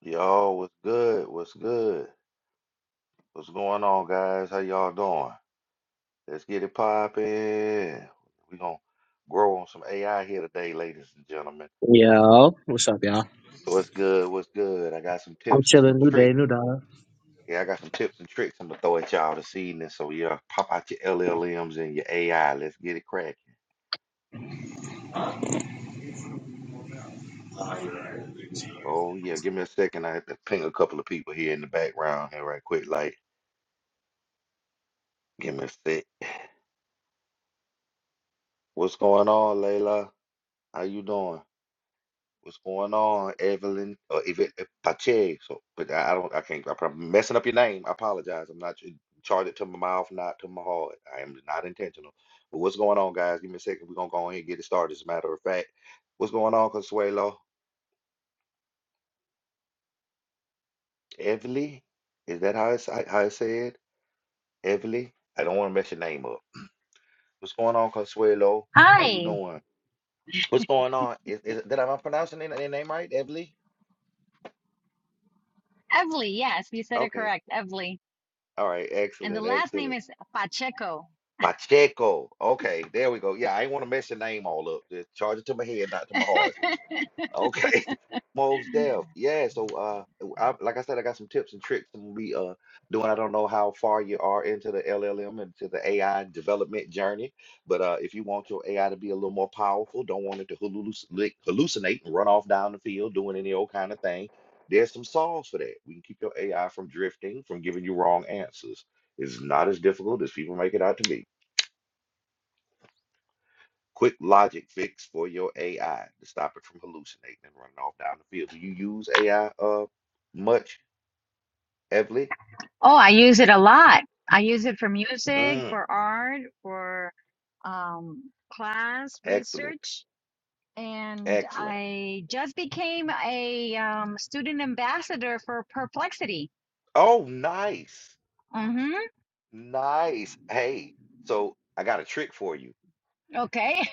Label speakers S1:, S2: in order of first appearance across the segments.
S1: Yo, what's good? What's good? What's going on, guys? How y'all doing? Let's get it poppin'. We're gonna grow on some AI here today, ladies and gentlemen.
S2: Yo, what's up, y'all?
S1: What's good? What's good? I got some
S2: I'm
S1: tips and some
S2: chilling. New day,
S1: tricks.
S2: new day.
S1: Yeah, I got some tips and tricks I'm gonna throw at y'all this evening. So yeah, pop out your LLMs and your AI. Let's get it cracking. Oh yeah, give me a second. I have to ping a couple of people here in the background here right quick. Like, give me a sec. What's going on, Layla? How you doing? What's going on, Evelyn or Yvette Pacheco? But I, I don't, I can't, I'm messing up your name. I apologize. I'm not tr- charge it to my mouth, not to my heart. I am not intentional. But what's going on, guys? Give me a second. We're gonna go ahead and get it started. As a matter of fact, what's going on, Consuelo? Evelyn? Is that how it's how it's said? Evelyn? I don't want to mess your name up. What's going on, Consuelo? How you
S3: Hi,
S1: doing? What's going on? Is, is did I am I pronouncing your name right, Evelyn?
S3: Evely. Yes, you said it
S1: Okay.
S3: correct, Evely.
S1: All right.
S3: And the
S1: Excellent.
S3: last name
S1: Excellent.
S3: is Pacheco.
S1: Pacheco. Okay, there we go. Yeah, I ain't want to mess your name all up. Just charge it to my head, not to my heart. Sweet. Okay, Mos Def. Yeah. So, uh, I, like I said, I got some tips and tricks I'm gonna be uh doing. I don't know how far you are into the LLM and to the AI development journey, but uh, if you want your AI to be a little more powerful, don't want it to hallucinate, hallucinate and run off down the field doing any old kind of thing. There's some solves for that. We can keep your AI from drifting, from giving you wrong answers. It's not as difficult as people make it out to be. Quick logic fix for your AI to stop it from hallucinating and running off down the field. Do you use AI uh much, Evelyn?
S3: Oh, I use it a lot. I use it for music,
S1: Mm,
S3: for art, for um, class
S1: excellent,
S3: research. And
S1: excellent.
S3: I just became a um, student ambassador for Perplexity.
S1: Oh, nice,
S3: Mm-hmm.
S1: nice. Hey, so I got a trick for you.
S3: Okay.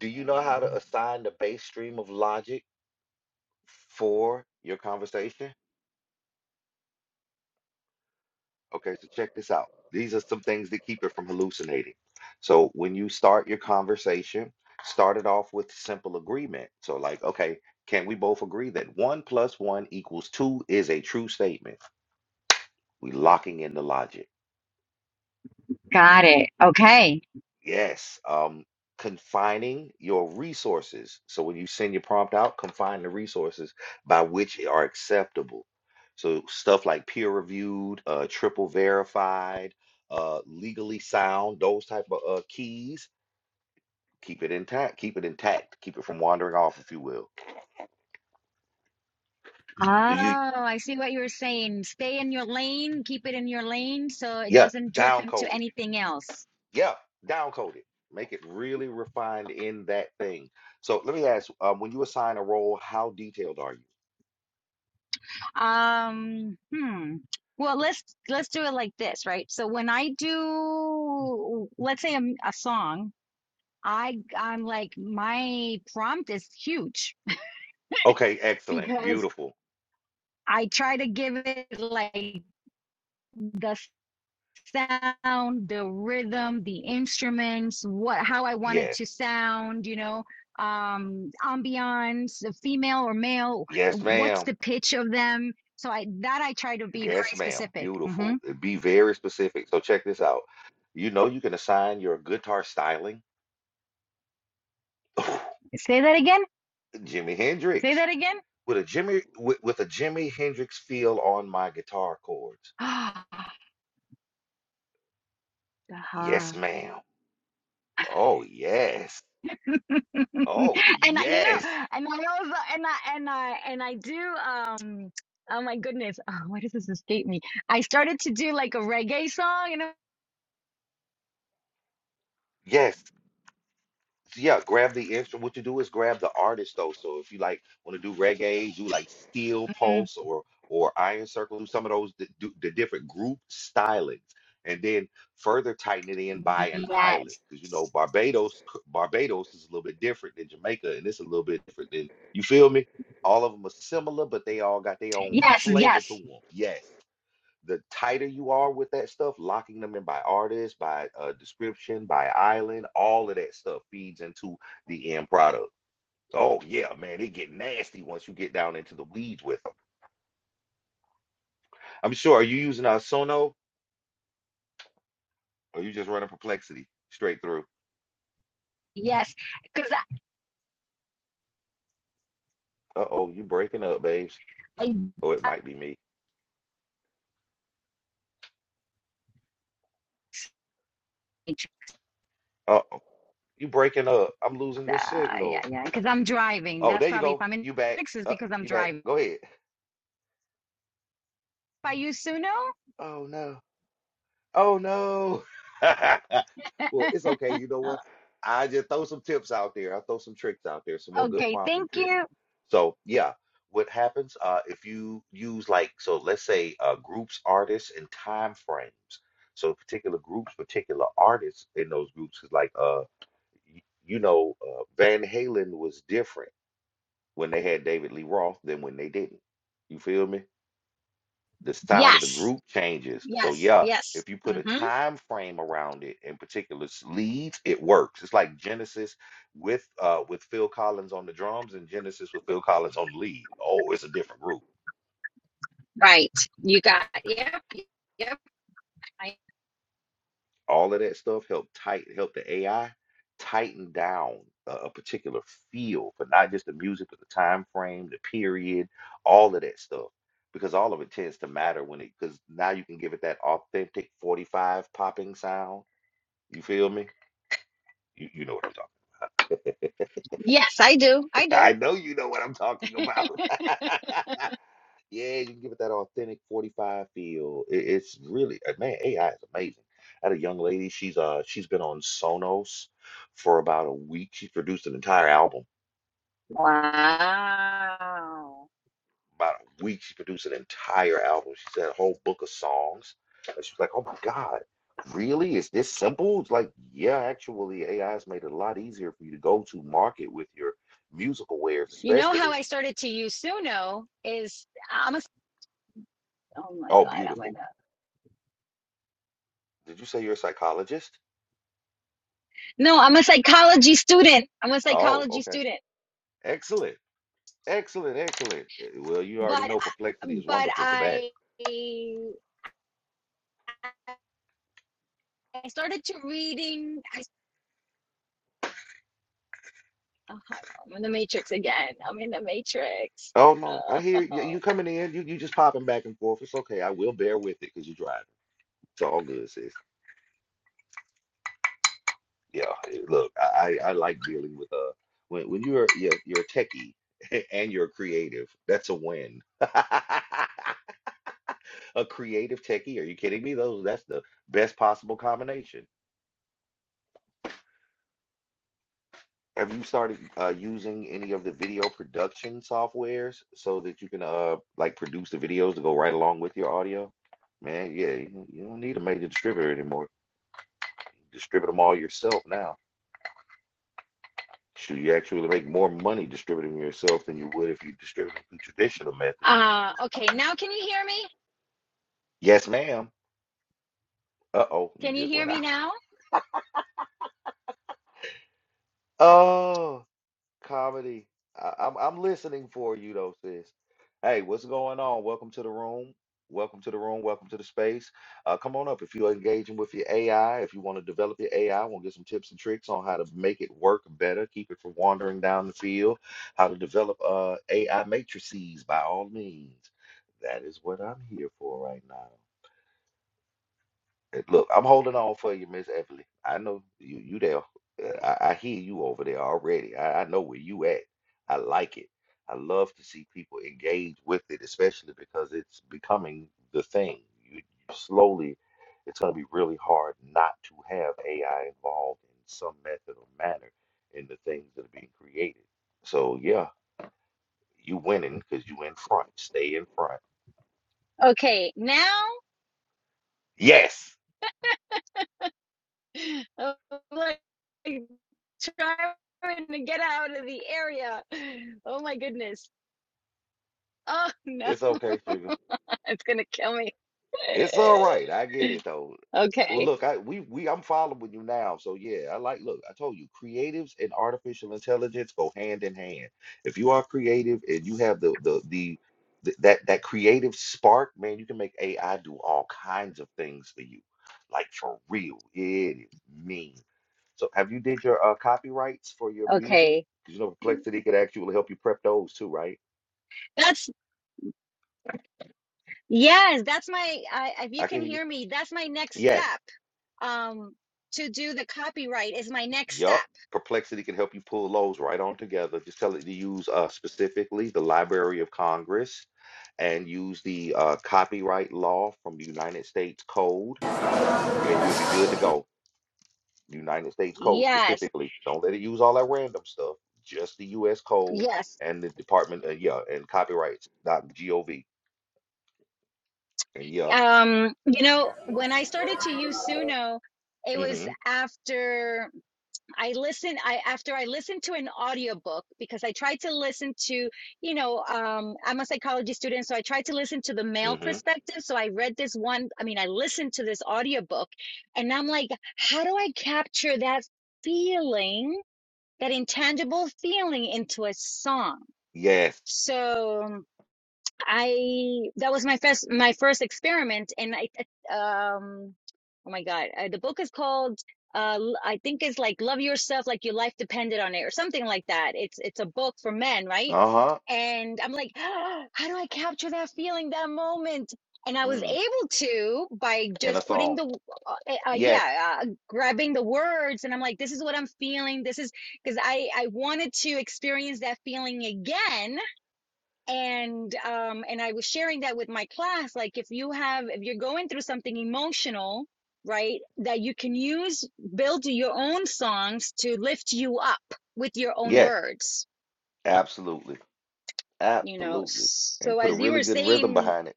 S1: Do you know how to assign the base stream of logic for your conversation? Okay, so check this out. These are some things that keep it from hallucinating. So when you start your conversation, start it off with simple agreement. So like, okay, can we both agree that one plus one equals two is a true statement? We locking in the logic.
S3: Got it. Okay.
S1: Yes, um, confining your resources. So when you send your prompt out, confine the resources by which are acceptable. So stuff like peer reviewed, uh, triple verified, uh, legally sound, those type of uh, keys, keep it intact, keep it intact, keep it from wandering off, if you will.
S3: Oh,
S1: Do you,
S3: I see what you're saying. Stay in your lane, keep it in your lane so it
S1: yeah,
S3: doesn't drift
S1: down
S3: into
S1: code it.
S3: anything else.
S1: Yeah, down code it. Make it really refined in that thing. So let me ask, um, when you assign a role, how detailed are you?
S3: Um, hmm. Well, let's let's do it like this, right? So when I do, let's say a, m- a song, I I'm like my prompt is huge
S1: Okay, excellent.
S3: because
S1: Beautiful.
S3: I try to give it like the sound, the rhythm, the instruments, what how I want it
S1: Yes.
S3: to sound, you know, um, ambiance, the female or male,
S1: Yes,
S3: what's
S1: ma'am.
S3: the pitch of them. So I that I try to be
S1: Yes,
S3: very
S1: ma'am.
S3: specific. hmm
S1: Beautiful. Uh, Be very specific. So check this out. You know you can assign your guitar styling
S3: Say that again.
S1: Jimi
S3: Say
S1: Hendrix
S3: that again.
S1: with a Jimmy with, with a Jimi Hendrix feel on my guitar chords.
S3: Ah,
S1: Yes, ma'am.
S3: uh
S1: Oh, yes.
S3: and
S1: Oh,
S3: I, you know,
S1: yes.
S3: and I also, and I, and I, and I do, um, oh my goodness, oh, why does this escape me? I started to do like a reggae song, you know?
S1: Yes. yeah, grab the instrument. What you do is grab the artist though. So if you like want to do reggae, do like Steel
S3: Mm,
S1: Pulse or or Iron Circle, do some of those that do the different group stylings, and then further tighten it in by an island
S3: Yes,
S1: because you know Barbados c- Barbados is a little bit different than Jamaica, and it's a little bit different than you feel me. All of them are similar, but they all got their own
S3: yes,
S1: flavor to
S3: yes,
S1: them. Yes the tighter you are with that stuff, locking them in by artist, by uh, description, by island, all of that stuff feeds into the end product. Oh yeah, man, it get nasty once you get down into the weeds with them. I'm sure. Are you using our Sono or are you just running Perplexity straight through?
S3: yes. Because
S1: Uh oh, you breaking up, babes.
S3: I,
S1: Oh, it
S3: I,
S1: might be me.
S3: uh,
S1: Uh oh, you breaking up. I'm losing your
S3: yeah,
S1: signal.
S3: yeah, because I'm driving.
S1: Oh,
S3: That's
S1: there you
S3: probably if
S1: go.
S3: I'm in
S1: You back.
S3: Texas
S1: Uh,
S3: because I'm
S1: you back.
S3: driving.
S1: Go ahead.
S3: If I use
S1: Oh no. Oh no. Well, it's okay.
S3: Suno?
S1: You know what? I just throw some tips out there. I throw some tricks out there, some more good
S3: okay,
S1: prompting
S3: thank
S1: tricks.
S3: you.
S1: So yeah, what happens uh, if you use like so let's say uh, groups, artists, and time frames. So particular groups, particular artists in those groups is like uh y- you know uh, Van Halen was different when they had David Lee Roth than when they didn't. You feel me? the sound of the
S3: Yes,
S1: group changes. So
S3: yes,
S1: yeah,
S3: yes.
S1: if you put a
S3: hmm
S1: time frame around it in particular s- leads, it works. It's like Genesis with uh with Phil Collins on the drums and Genesis with Phil Collins on the lead. Oh, it's a different group.
S3: Right. You got, yep, yep. I,
S1: All of that stuff help tight help the AI tighten down a, a particular feel for not just the music, but the time frame, the period, all of that stuff. Because all of it tends to matter when it because now you can give it that authentic 45 popping sound. You feel me? You, you know what I'm talking.
S3: yes, I do. I
S1: about.
S3: do.
S1: I know you know what I'm talking about. yeah, you can give it that authentic 45 feel. It, it's really uh, man, AI is amazing. I had a young lady. She's uh she's been on Sonos for about a week. She produced an entire album.
S3: Wow.
S1: About a week, she produced an entire album. She said a whole book of songs. And she was like, "Oh my God, really? Is this simple?" It's like, yeah, actually, AI has made it a lot easier for you to go to market with your musical wares,
S3: You know how
S1: especially.
S3: I started to use Suno is I'm a, oh my
S1: Oh,
S3: God, I'm
S1: beautiful.
S3: gonna,
S1: Did you say you're a psychologist?
S3: no, I'm a psychology student. I'm a
S1: Oh,
S3: psychology
S1: okay.
S3: student,
S1: Excellent. Excellent. Excellent. Eh, Well, you already
S3: but,
S1: know perplexity is
S3: but
S1: wonderful for that.
S3: I, I started to reading, I, oh, I'm in the matrix again. I'm in the matrix.
S1: Oh no, I hear you,
S3: Oh.
S1: you coming in. You you just popping back and forth. It's okay. I will bear with it because you're driving. It's all good, sis. Yeah. eh, Look, I I I like dealing with uh when when you're you're, you're a techie and you're creative. That's a win. A creative techie? Are you kidding me? Those that's the best possible combination. Have you started uh, using any of the video production softwares so that you can uh like produce the videos to go right along with your audio? Man, yeah, you, don't- you don't need a major distributor anymore. Distribute them all yourself now. Should you actually make more money distributing yourself than you would if you distributed through traditional methods and means?
S3: Uh, okay. Now can you hear me?
S1: Yes, ma'am. Uh-oh, you
S3: Can you
S1: just
S3: hear
S1: went
S3: me
S1: out.
S3: now?
S1: Oh. Comedy. I, I'm I'm listening for you though, sis. Hey, what's going on? Welcome to the room. Welcome to the room. Welcome to the space. Uh, come on up if you're engaging with your AI. If you want to develop your AI, want to get some tips and tricks on how to make it work better, keep it from wandering down the field, how to develop uh, AI matrices by all means. That is what I'm here for right now. Eh, Look, I'm holding on for you, Miss Evelyn. I know you you there. Eh, I, I hear you over there already. I, I know where you at. I like it. I love to see people engage with it, especially because it's becoming the thing. You you slowly, it's going to be really hard not to have AI involved in some method or manner in the things that are being created. So yeah, you winning because you in front. Stay in front.
S3: Okay, now
S1: Yes,
S3: I'm like trying to get out of the area. Oh my goodness. Oh no,
S1: it's okay,
S3: it's gonna kill me.
S1: It's all right. I get it though. Well,
S3: Okay,
S1: look, I we we I'm following you now. So yeah, I like look, I told you, creatives and artificial intelligence go hand in hand. If you are creative and you have the the the, th- that that creative spark, man, you can make AI do all kinds of things for you. Like for real. It is mean. So have you did your uh, copyrights for your music?
S3: okay.
S1: Because you know Perplexity could actually help you prep those too, right?
S3: That's yes, that's my I if you
S1: I can
S3: can
S1: hear you.
S3: hear me, that's my next
S1: Yes.
S3: step. Um to do the copyright is my next step.
S1: Yup. Perplexity can help you pull those right on together. Just tell it to use uh, specifically the Library of Congress and use the uh, copyright law from the United States Code, and you'll be good to go. United States Code
S3: Yes,
S1: specifically. Don't let it use all that random stuff. Just the U.S. Code
S3: yes.
S1: and the Department, uh, yeah, and copyrights. Dot gov. And yeah,
S3: Um, you know, when I started to use Suno, it was
S1: mm-hmm,
S3: after. I listen I after I listened to an audiobook because I tried to listen to, you know, um I'm a psychology student so I tried to listen to the male
S1: mm-hmm.
S3: perspective so I read this one I mean I listened to this audiobook and I'm like how do I capture that feeling that intangible feeling into a song.
S1: Yes.
S3: So I that was my first my first experiment, and I um oh my god, uh, the book is called uh L- I think it's like Love Yourself Like Your Life Depended on It or something like that. It's it's a book for men, right?
S1: Uh-huh.
S3: And I'm like, "Ah, how do I capture that feeling, that moment? And I was
S1: Mm.
S3: able to by
S1: In a
S3: just putting
S1: song.
S3: the uh, uh,
S1: Yes.
S3: yeah, uh, grabbing the words, and I'm like, this is what I'm feeling. This is because I I wanted to experience that feeling again and um and i was sharing that with my class like if you have if you're going through something emotional right that you can use build your own songs to lift you up with your own
S1: Yes.
S3: words
S1: Absolutely.
S3: you know
S1: Absolutely. And
S3: so
S1: put a
S3: as you
S1: really
S3: were
S1: good rhythm
S3: saying
S1: behind it.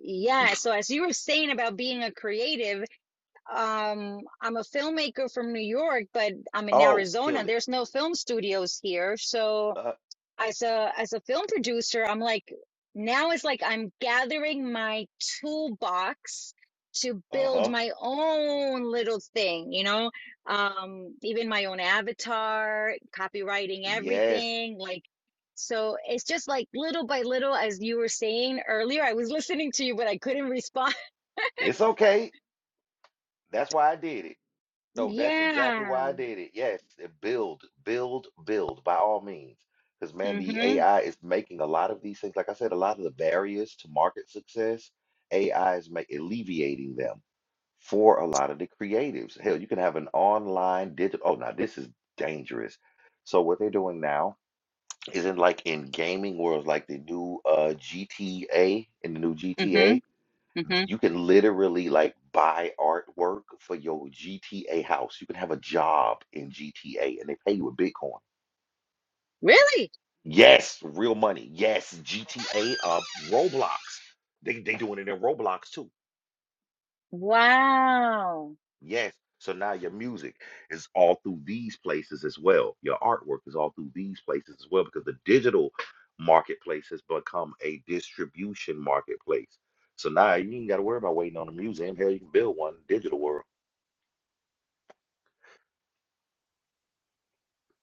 S3: yeah so as you were saying about being a creative um i'm a filmmaker from new york but i'm in
S1: Oh,
S3: arizona
S1: kill it.
S3: there's no film studios here so
S1: Uh,
S3: as a as a film producer i'm like now it's like i'm gathering my toolbox to build
S1: uh-huh.
S3: my own little thing you know um even my own avatar copywriting
S1: Yes.
S3: everything like so it's just like little by little as you were saying earlier i was listening to you but i couldn't respond
S1: It's okay. That's why I did it. No, that's exactly
S3: yeah
S1: why I did it. Yes. and Build, build, build by all means. Because, man, the
S3: mhm
S1: AI is making a lot of these things. Like I said, a lot of the barriers to market success, AI is ma- alleviating them for a lot of the creatives. Hell, you can have an online digital. Oh, now this is dangerous. So, what they're doing now isn't like in gaming worlds, like the new uh GTA in the new
S3: mhm
S1: GTA,
S3: mhm
S1: you can literally like buy artwork for your GTA house. You can have a job in GTA and they pay you with Bitcoin.
S3: really
S1: Yes, real money. Yes, GTA uh Roblox. They they doing it in Roblox too.
S3: wow
S1: Yes. So now your music is all through these places as well. Your artwork is all through these places as well because the digital marketplace has become a distribution marketplace. So now you ain't got to worry about waiting on a museum. Hell, you can build one in the digital world.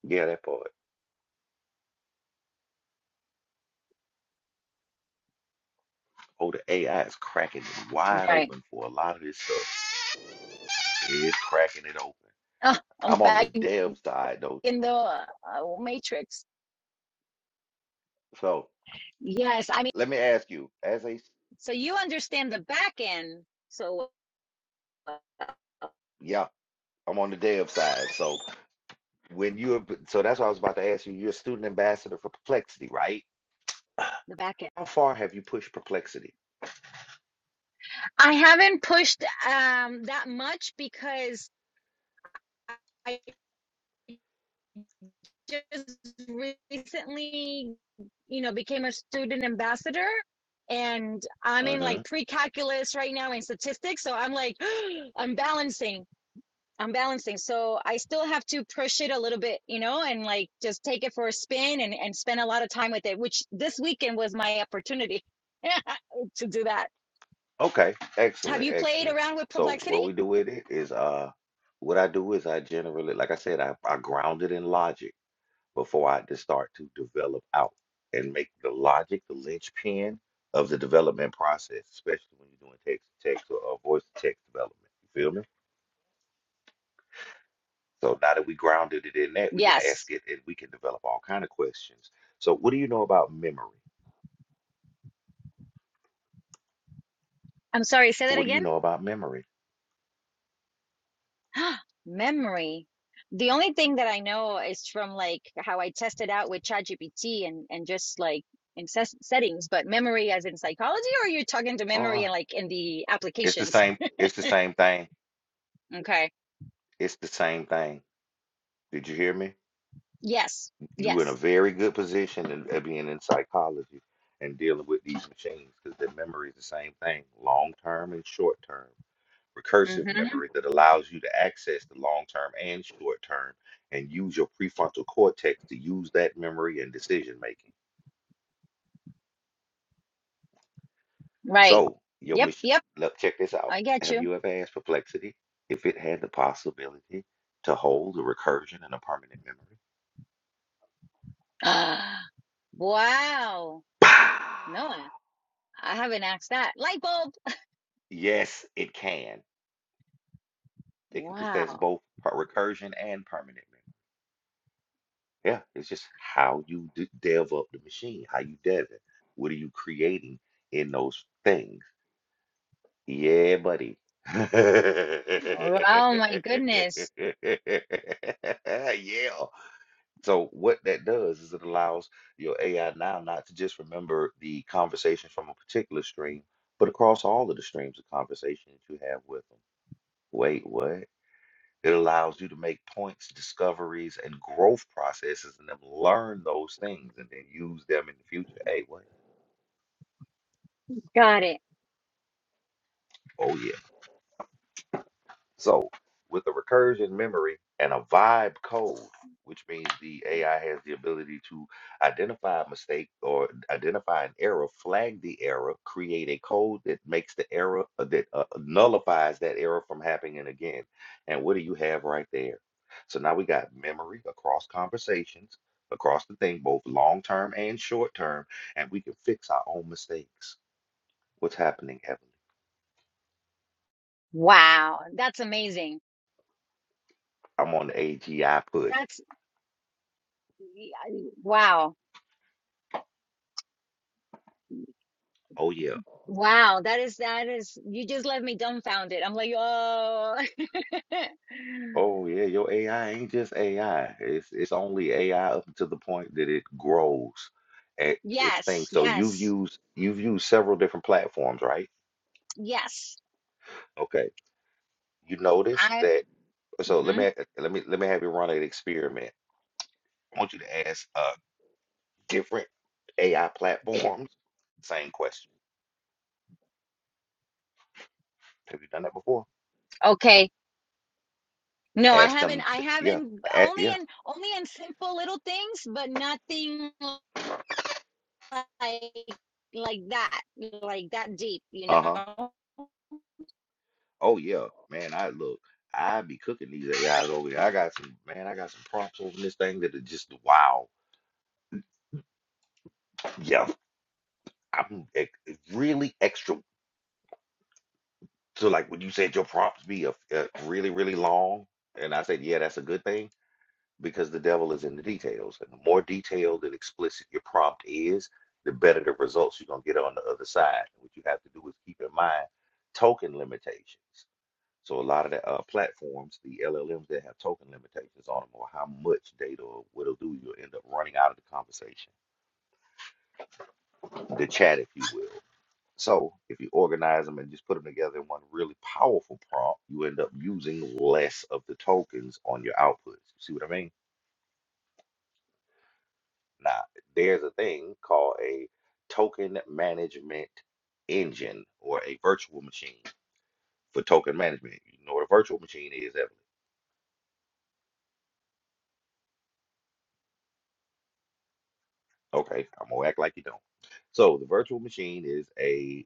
S1: Yeah, that part. Oh, the AI is cracking it wide
S3: right
S1: open for a lot of this stuff. It's cracking it open.
S3: oh, i'm
S1: I'm on the
S3: back
S1: dev side though.
S3: in the uh, matrix.
S1: So
S3: Yes, I mean,
S1: let me ask you, as a,
S3: so you understand the back end. So uh,
S1: yeah, I'm on the dev side. So. when you're so that's what I was about to ask you. You're a student ambassador for Perplexity, right?
S3: the back end.
S1: How far have you pushed Perplexity?
S3: I haven't pushed um that much because I just recently, you know, became a student ambassador and I'm in
S1: Mm-hmm.
S3: like pre-calculus right now in statistics, so I'm like I'm balancing. I'm balancing. So I still have to push it a little bit, you know, and like just take it for a spin and, and spend a lot of time with it, which this weekend was my opportunity to do that.
S1: Okay,
S3: Have
S1: excellent,
S3: you played
S1: excellent.
S3: around with
S1: So
S3: perplexity?
S1: what we do with it is uh what I do is I generally like I said, I, I ground it in logic before I just start to develop out and make the logic the linchpin of the development process, especially when you're doing text to text or, or voice to text development. You feel me? So now that we grounded it in that, we can
S3: Yes.
S1: ask it and we can develop all kind of questions. So what do you know about memory?
S3: I'm sorry, say that
S1: What do you
S3: again.
S1: know about memory?
S3: Memory. The only thing that I know is from like how I tested out with ChatGPT and, and just like in ses- settings, but memory as in psychology, or you're talking to memory
S1: Uh-uh.
S3: and like in the
S1: It's the
S3: applications.
S1: same, it's the same thing.
S3: Okay.
S1: It's the same thing. Did you hear me?
S3: Yes.
S1: You in a
S3: Yes.
S1: very good position in, at being in psychology and dealing with these machines because their memory is the same thing, long term and short term. Recursive
S3: Mm-hmm.
S1: memory that allows you to access the long term and short term and use your prefrontal cortex to use that memory and decision making.
S3: Right.
S1: So, your
S3: Yep,
S1: mach-
S3: yep.
S1: look, check this out.
S3: I get
S1: Have
S3: you.
S1: you ever asked Perplexity if it had the possibility to hold a recursion and a permanent memory?
S3: Ah, wow.
S1: Pow!
S3: Noah, I haven't asked that. Light bulb.
S1: Yes, it can. It can possess
S3: Wow.
S1: both per- recursion and permanent memory. Yeah, it's just how you d delve up the machine, how you dev it. What are you creating in those things? Yeah, buddy.
S3: Oh my goodness.
S1: Yeah. So what that does is it allows your AI now not to just remember the conversation from a particular stream, but across all of the streams of conversation that you have with them. Wait, what? It allows you to make points, discoveries, and growth processes and then learn those things and then use them in the future. Hey, what?
S3: Got it.
S1: Oh yeah. So, with a recursion memory and a vibe code, which means the AI has the ability to identify a mistake or identify an error, flag the error, create a code that makes the error uh, that uh, nullifies that error from happening again. And what do you have right there? So now we got memory across conversations, across the thing, both long term and short term, and we can fix our own mistakes. What's happening, Evan?
S3: Wow. That's amazing.
S1: I'm on the AGI push.
S3: That's wow.
S1: Oh yeah,
S3: Wow. That is, that is, you just left me dumbfounded. I'm like, oh,
S1: Oh yeah, your AI ain't just AI. It's it's only AI up to the point that it grows at its thing.
S3: yes,
S1: So you've
S3: yes,
S1: used you've used several different platforms, right?
S3: yes.
S1: Okay. You notice
S3: I,
S1: that. So let
S3: mhm.
S1: me let me let me have you run an experiment. I want you to ask uh different AI platforms same question. Have you done that before?
S3: okay. No, I
S1: Ask
S3: haven't.
S1: them.
S3: I
S1: Yeah.
S3: haven't.
S1: a-
S3: Only
S1: yeah.
S3: in only in simple little things, but nothing like like that, like that deep. You
S1: Uh-huh.
S3: know.
S1: Oh yeah, man. I look. I be cooking these guys over here. I got some man. I got some prompts over this thing that are just wow. Yeah, I'm ex really extra. So like when you said your prompts be a, a really really long, and I said yeah, that's a good thing because the devil is in the details, and the more detailed and explicit your prompt is, the better the results you're gonna get on the other side. What you have to do is keep in mind token limitations. So a lot of the uh, platforms, the LLMs that have token limitations on them, or how much data or what it'll do, you'll end up running out of the conversation, the chat, if you will. So if you organize them and just put them together in one really powerful prompt, you end up using less of the tokens on your outputs. You see what I mean? Now, there's a thing called a token management engine or a virtual machine for token management. You know what a virtual machine is? That Okay, I'm gonna act like you don't. So the virtual machine is a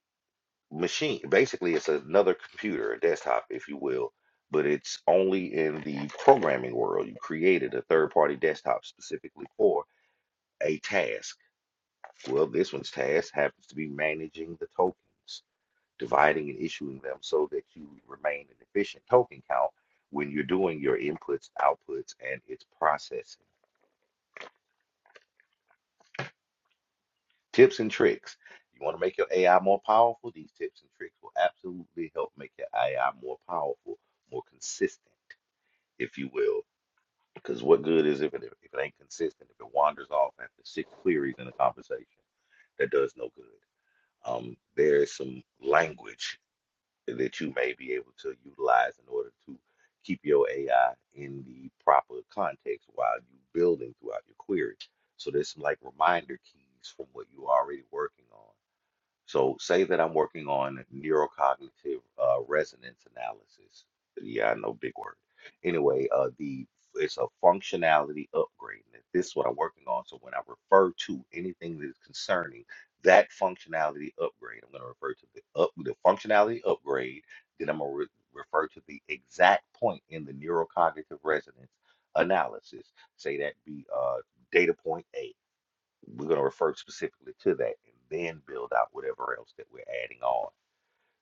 S1: machine. Basically, it's another computer, a desktop, if you will, but it's only in the programming world. You created a third-party desktop specifically for a task. Well, this one's task happens to be managing the tokens, dividing and issuing them so that you remain an efficient token count when you're doing your inputs, outputs, and its processing. Tips and tricks. You want to make your AI more powerful? These tips and tricks will absolutely help make your AI more powerful, more consistent, if you will. Because what good is if it if it ain't consistent, if it wanders off after six queries in a conversation, that does no good. Um, there is some language that you may be able to utilize in order to keep your AI in the proper context while you are building throughout your query. So there's some like reminder keys from what you're already working on so say that I'm working on neurocognitive uh, resonance analysis. Yeah, I know big word. Anyway, uh, the it's a functionality upgrade. and This is what I'm working on. So when I refer to anything that is concerning that functionality upgrade, I'm going to refer to the up the functionality upgrade. Then I'm going to re- refer to the exact point in the neurocognitive resonance analysis. Say that be uh, data point A we're going to refer specifically to that and then build out whatever else that we're adding on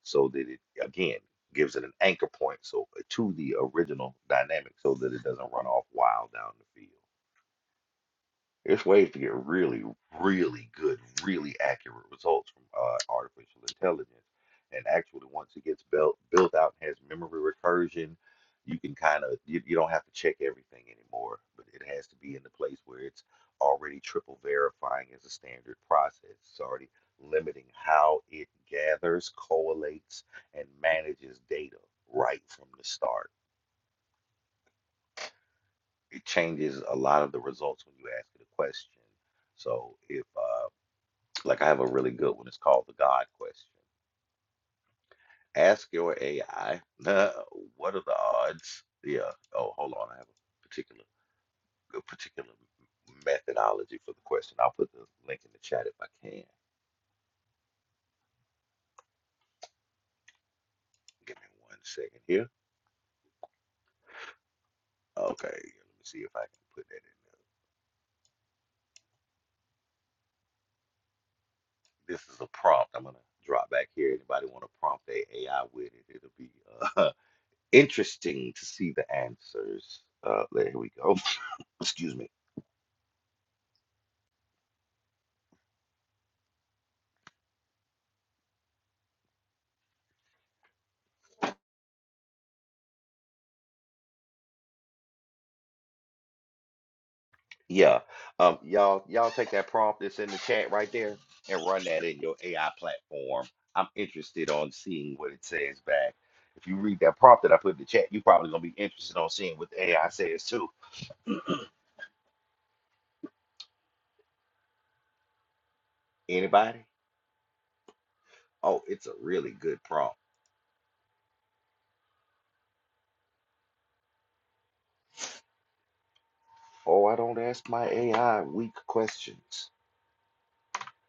S1: so that it, again, gives it an anchor point so to the original dynamic so that it doesn't run off wild down the field. There's ways to get really, really good, really accurate results from uh, artificial intelligence. And actually, once it gets built built out and has memory recursion, you can kind of you, you don't have to check everything anymore. But it has to be in the place where it's already triple verifying as a standard process. It's already limiting how it gathers, collates, and manages data right from the start. It changes a lot of the results when you ask it a question. So if uh, Like I have a really good one. It's called the God question. Ask your AI, what are the odds? Yeah. Oh, hold on. I have a particular a particular methodology for the question. I'll put the link in the chat if I can. Give me one second here. Okay. Let me see if I can put that in there. This is a prompt. I'm gonna drop back here. Anybody want to prompt their AI with it? It'll be uh, interesting to see the answers. Uh, there we go. Excuse me. Yeah. Um, y'all, y'all take that prompt that's in the chat right there and run that in your AI platform. I'm interested on seeing what it says back. If you read that prompt that I put in the chat, you're probably gonna be interested on seeing what the AI says too. Anybody? Oh, it's a really good prompt. Oh, I don't ask my AI weak questions.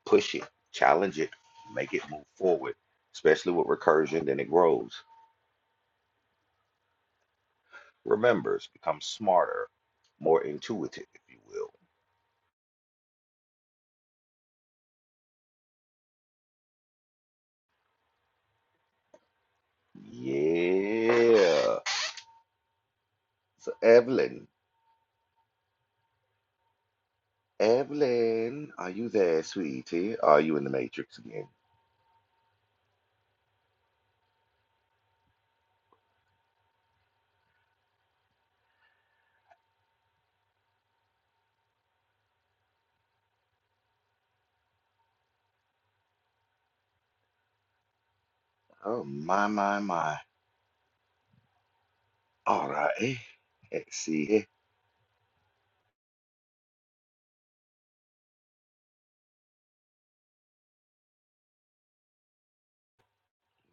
S1: Push it, challenge it, make it move forward, especially with recursion, then it grows, remembers, becomes smarter, more intuitive, if you will. Yeah. So Evelyn, Evelyn, are you there, sweetie? Are you in the matrix again? Oh my, my, my. All right. eh. Let's see. eh.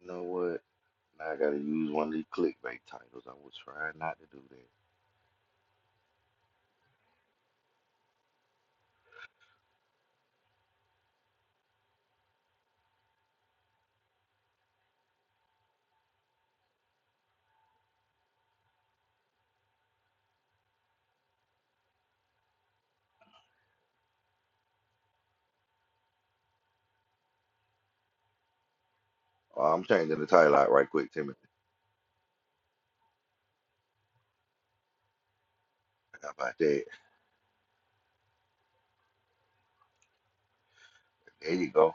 S1: You know what? Now I gotta use one of these clickbait titles. I was trying not to do that. Oh, I'm changing the title out right quick, Timothy. How about that? There you go.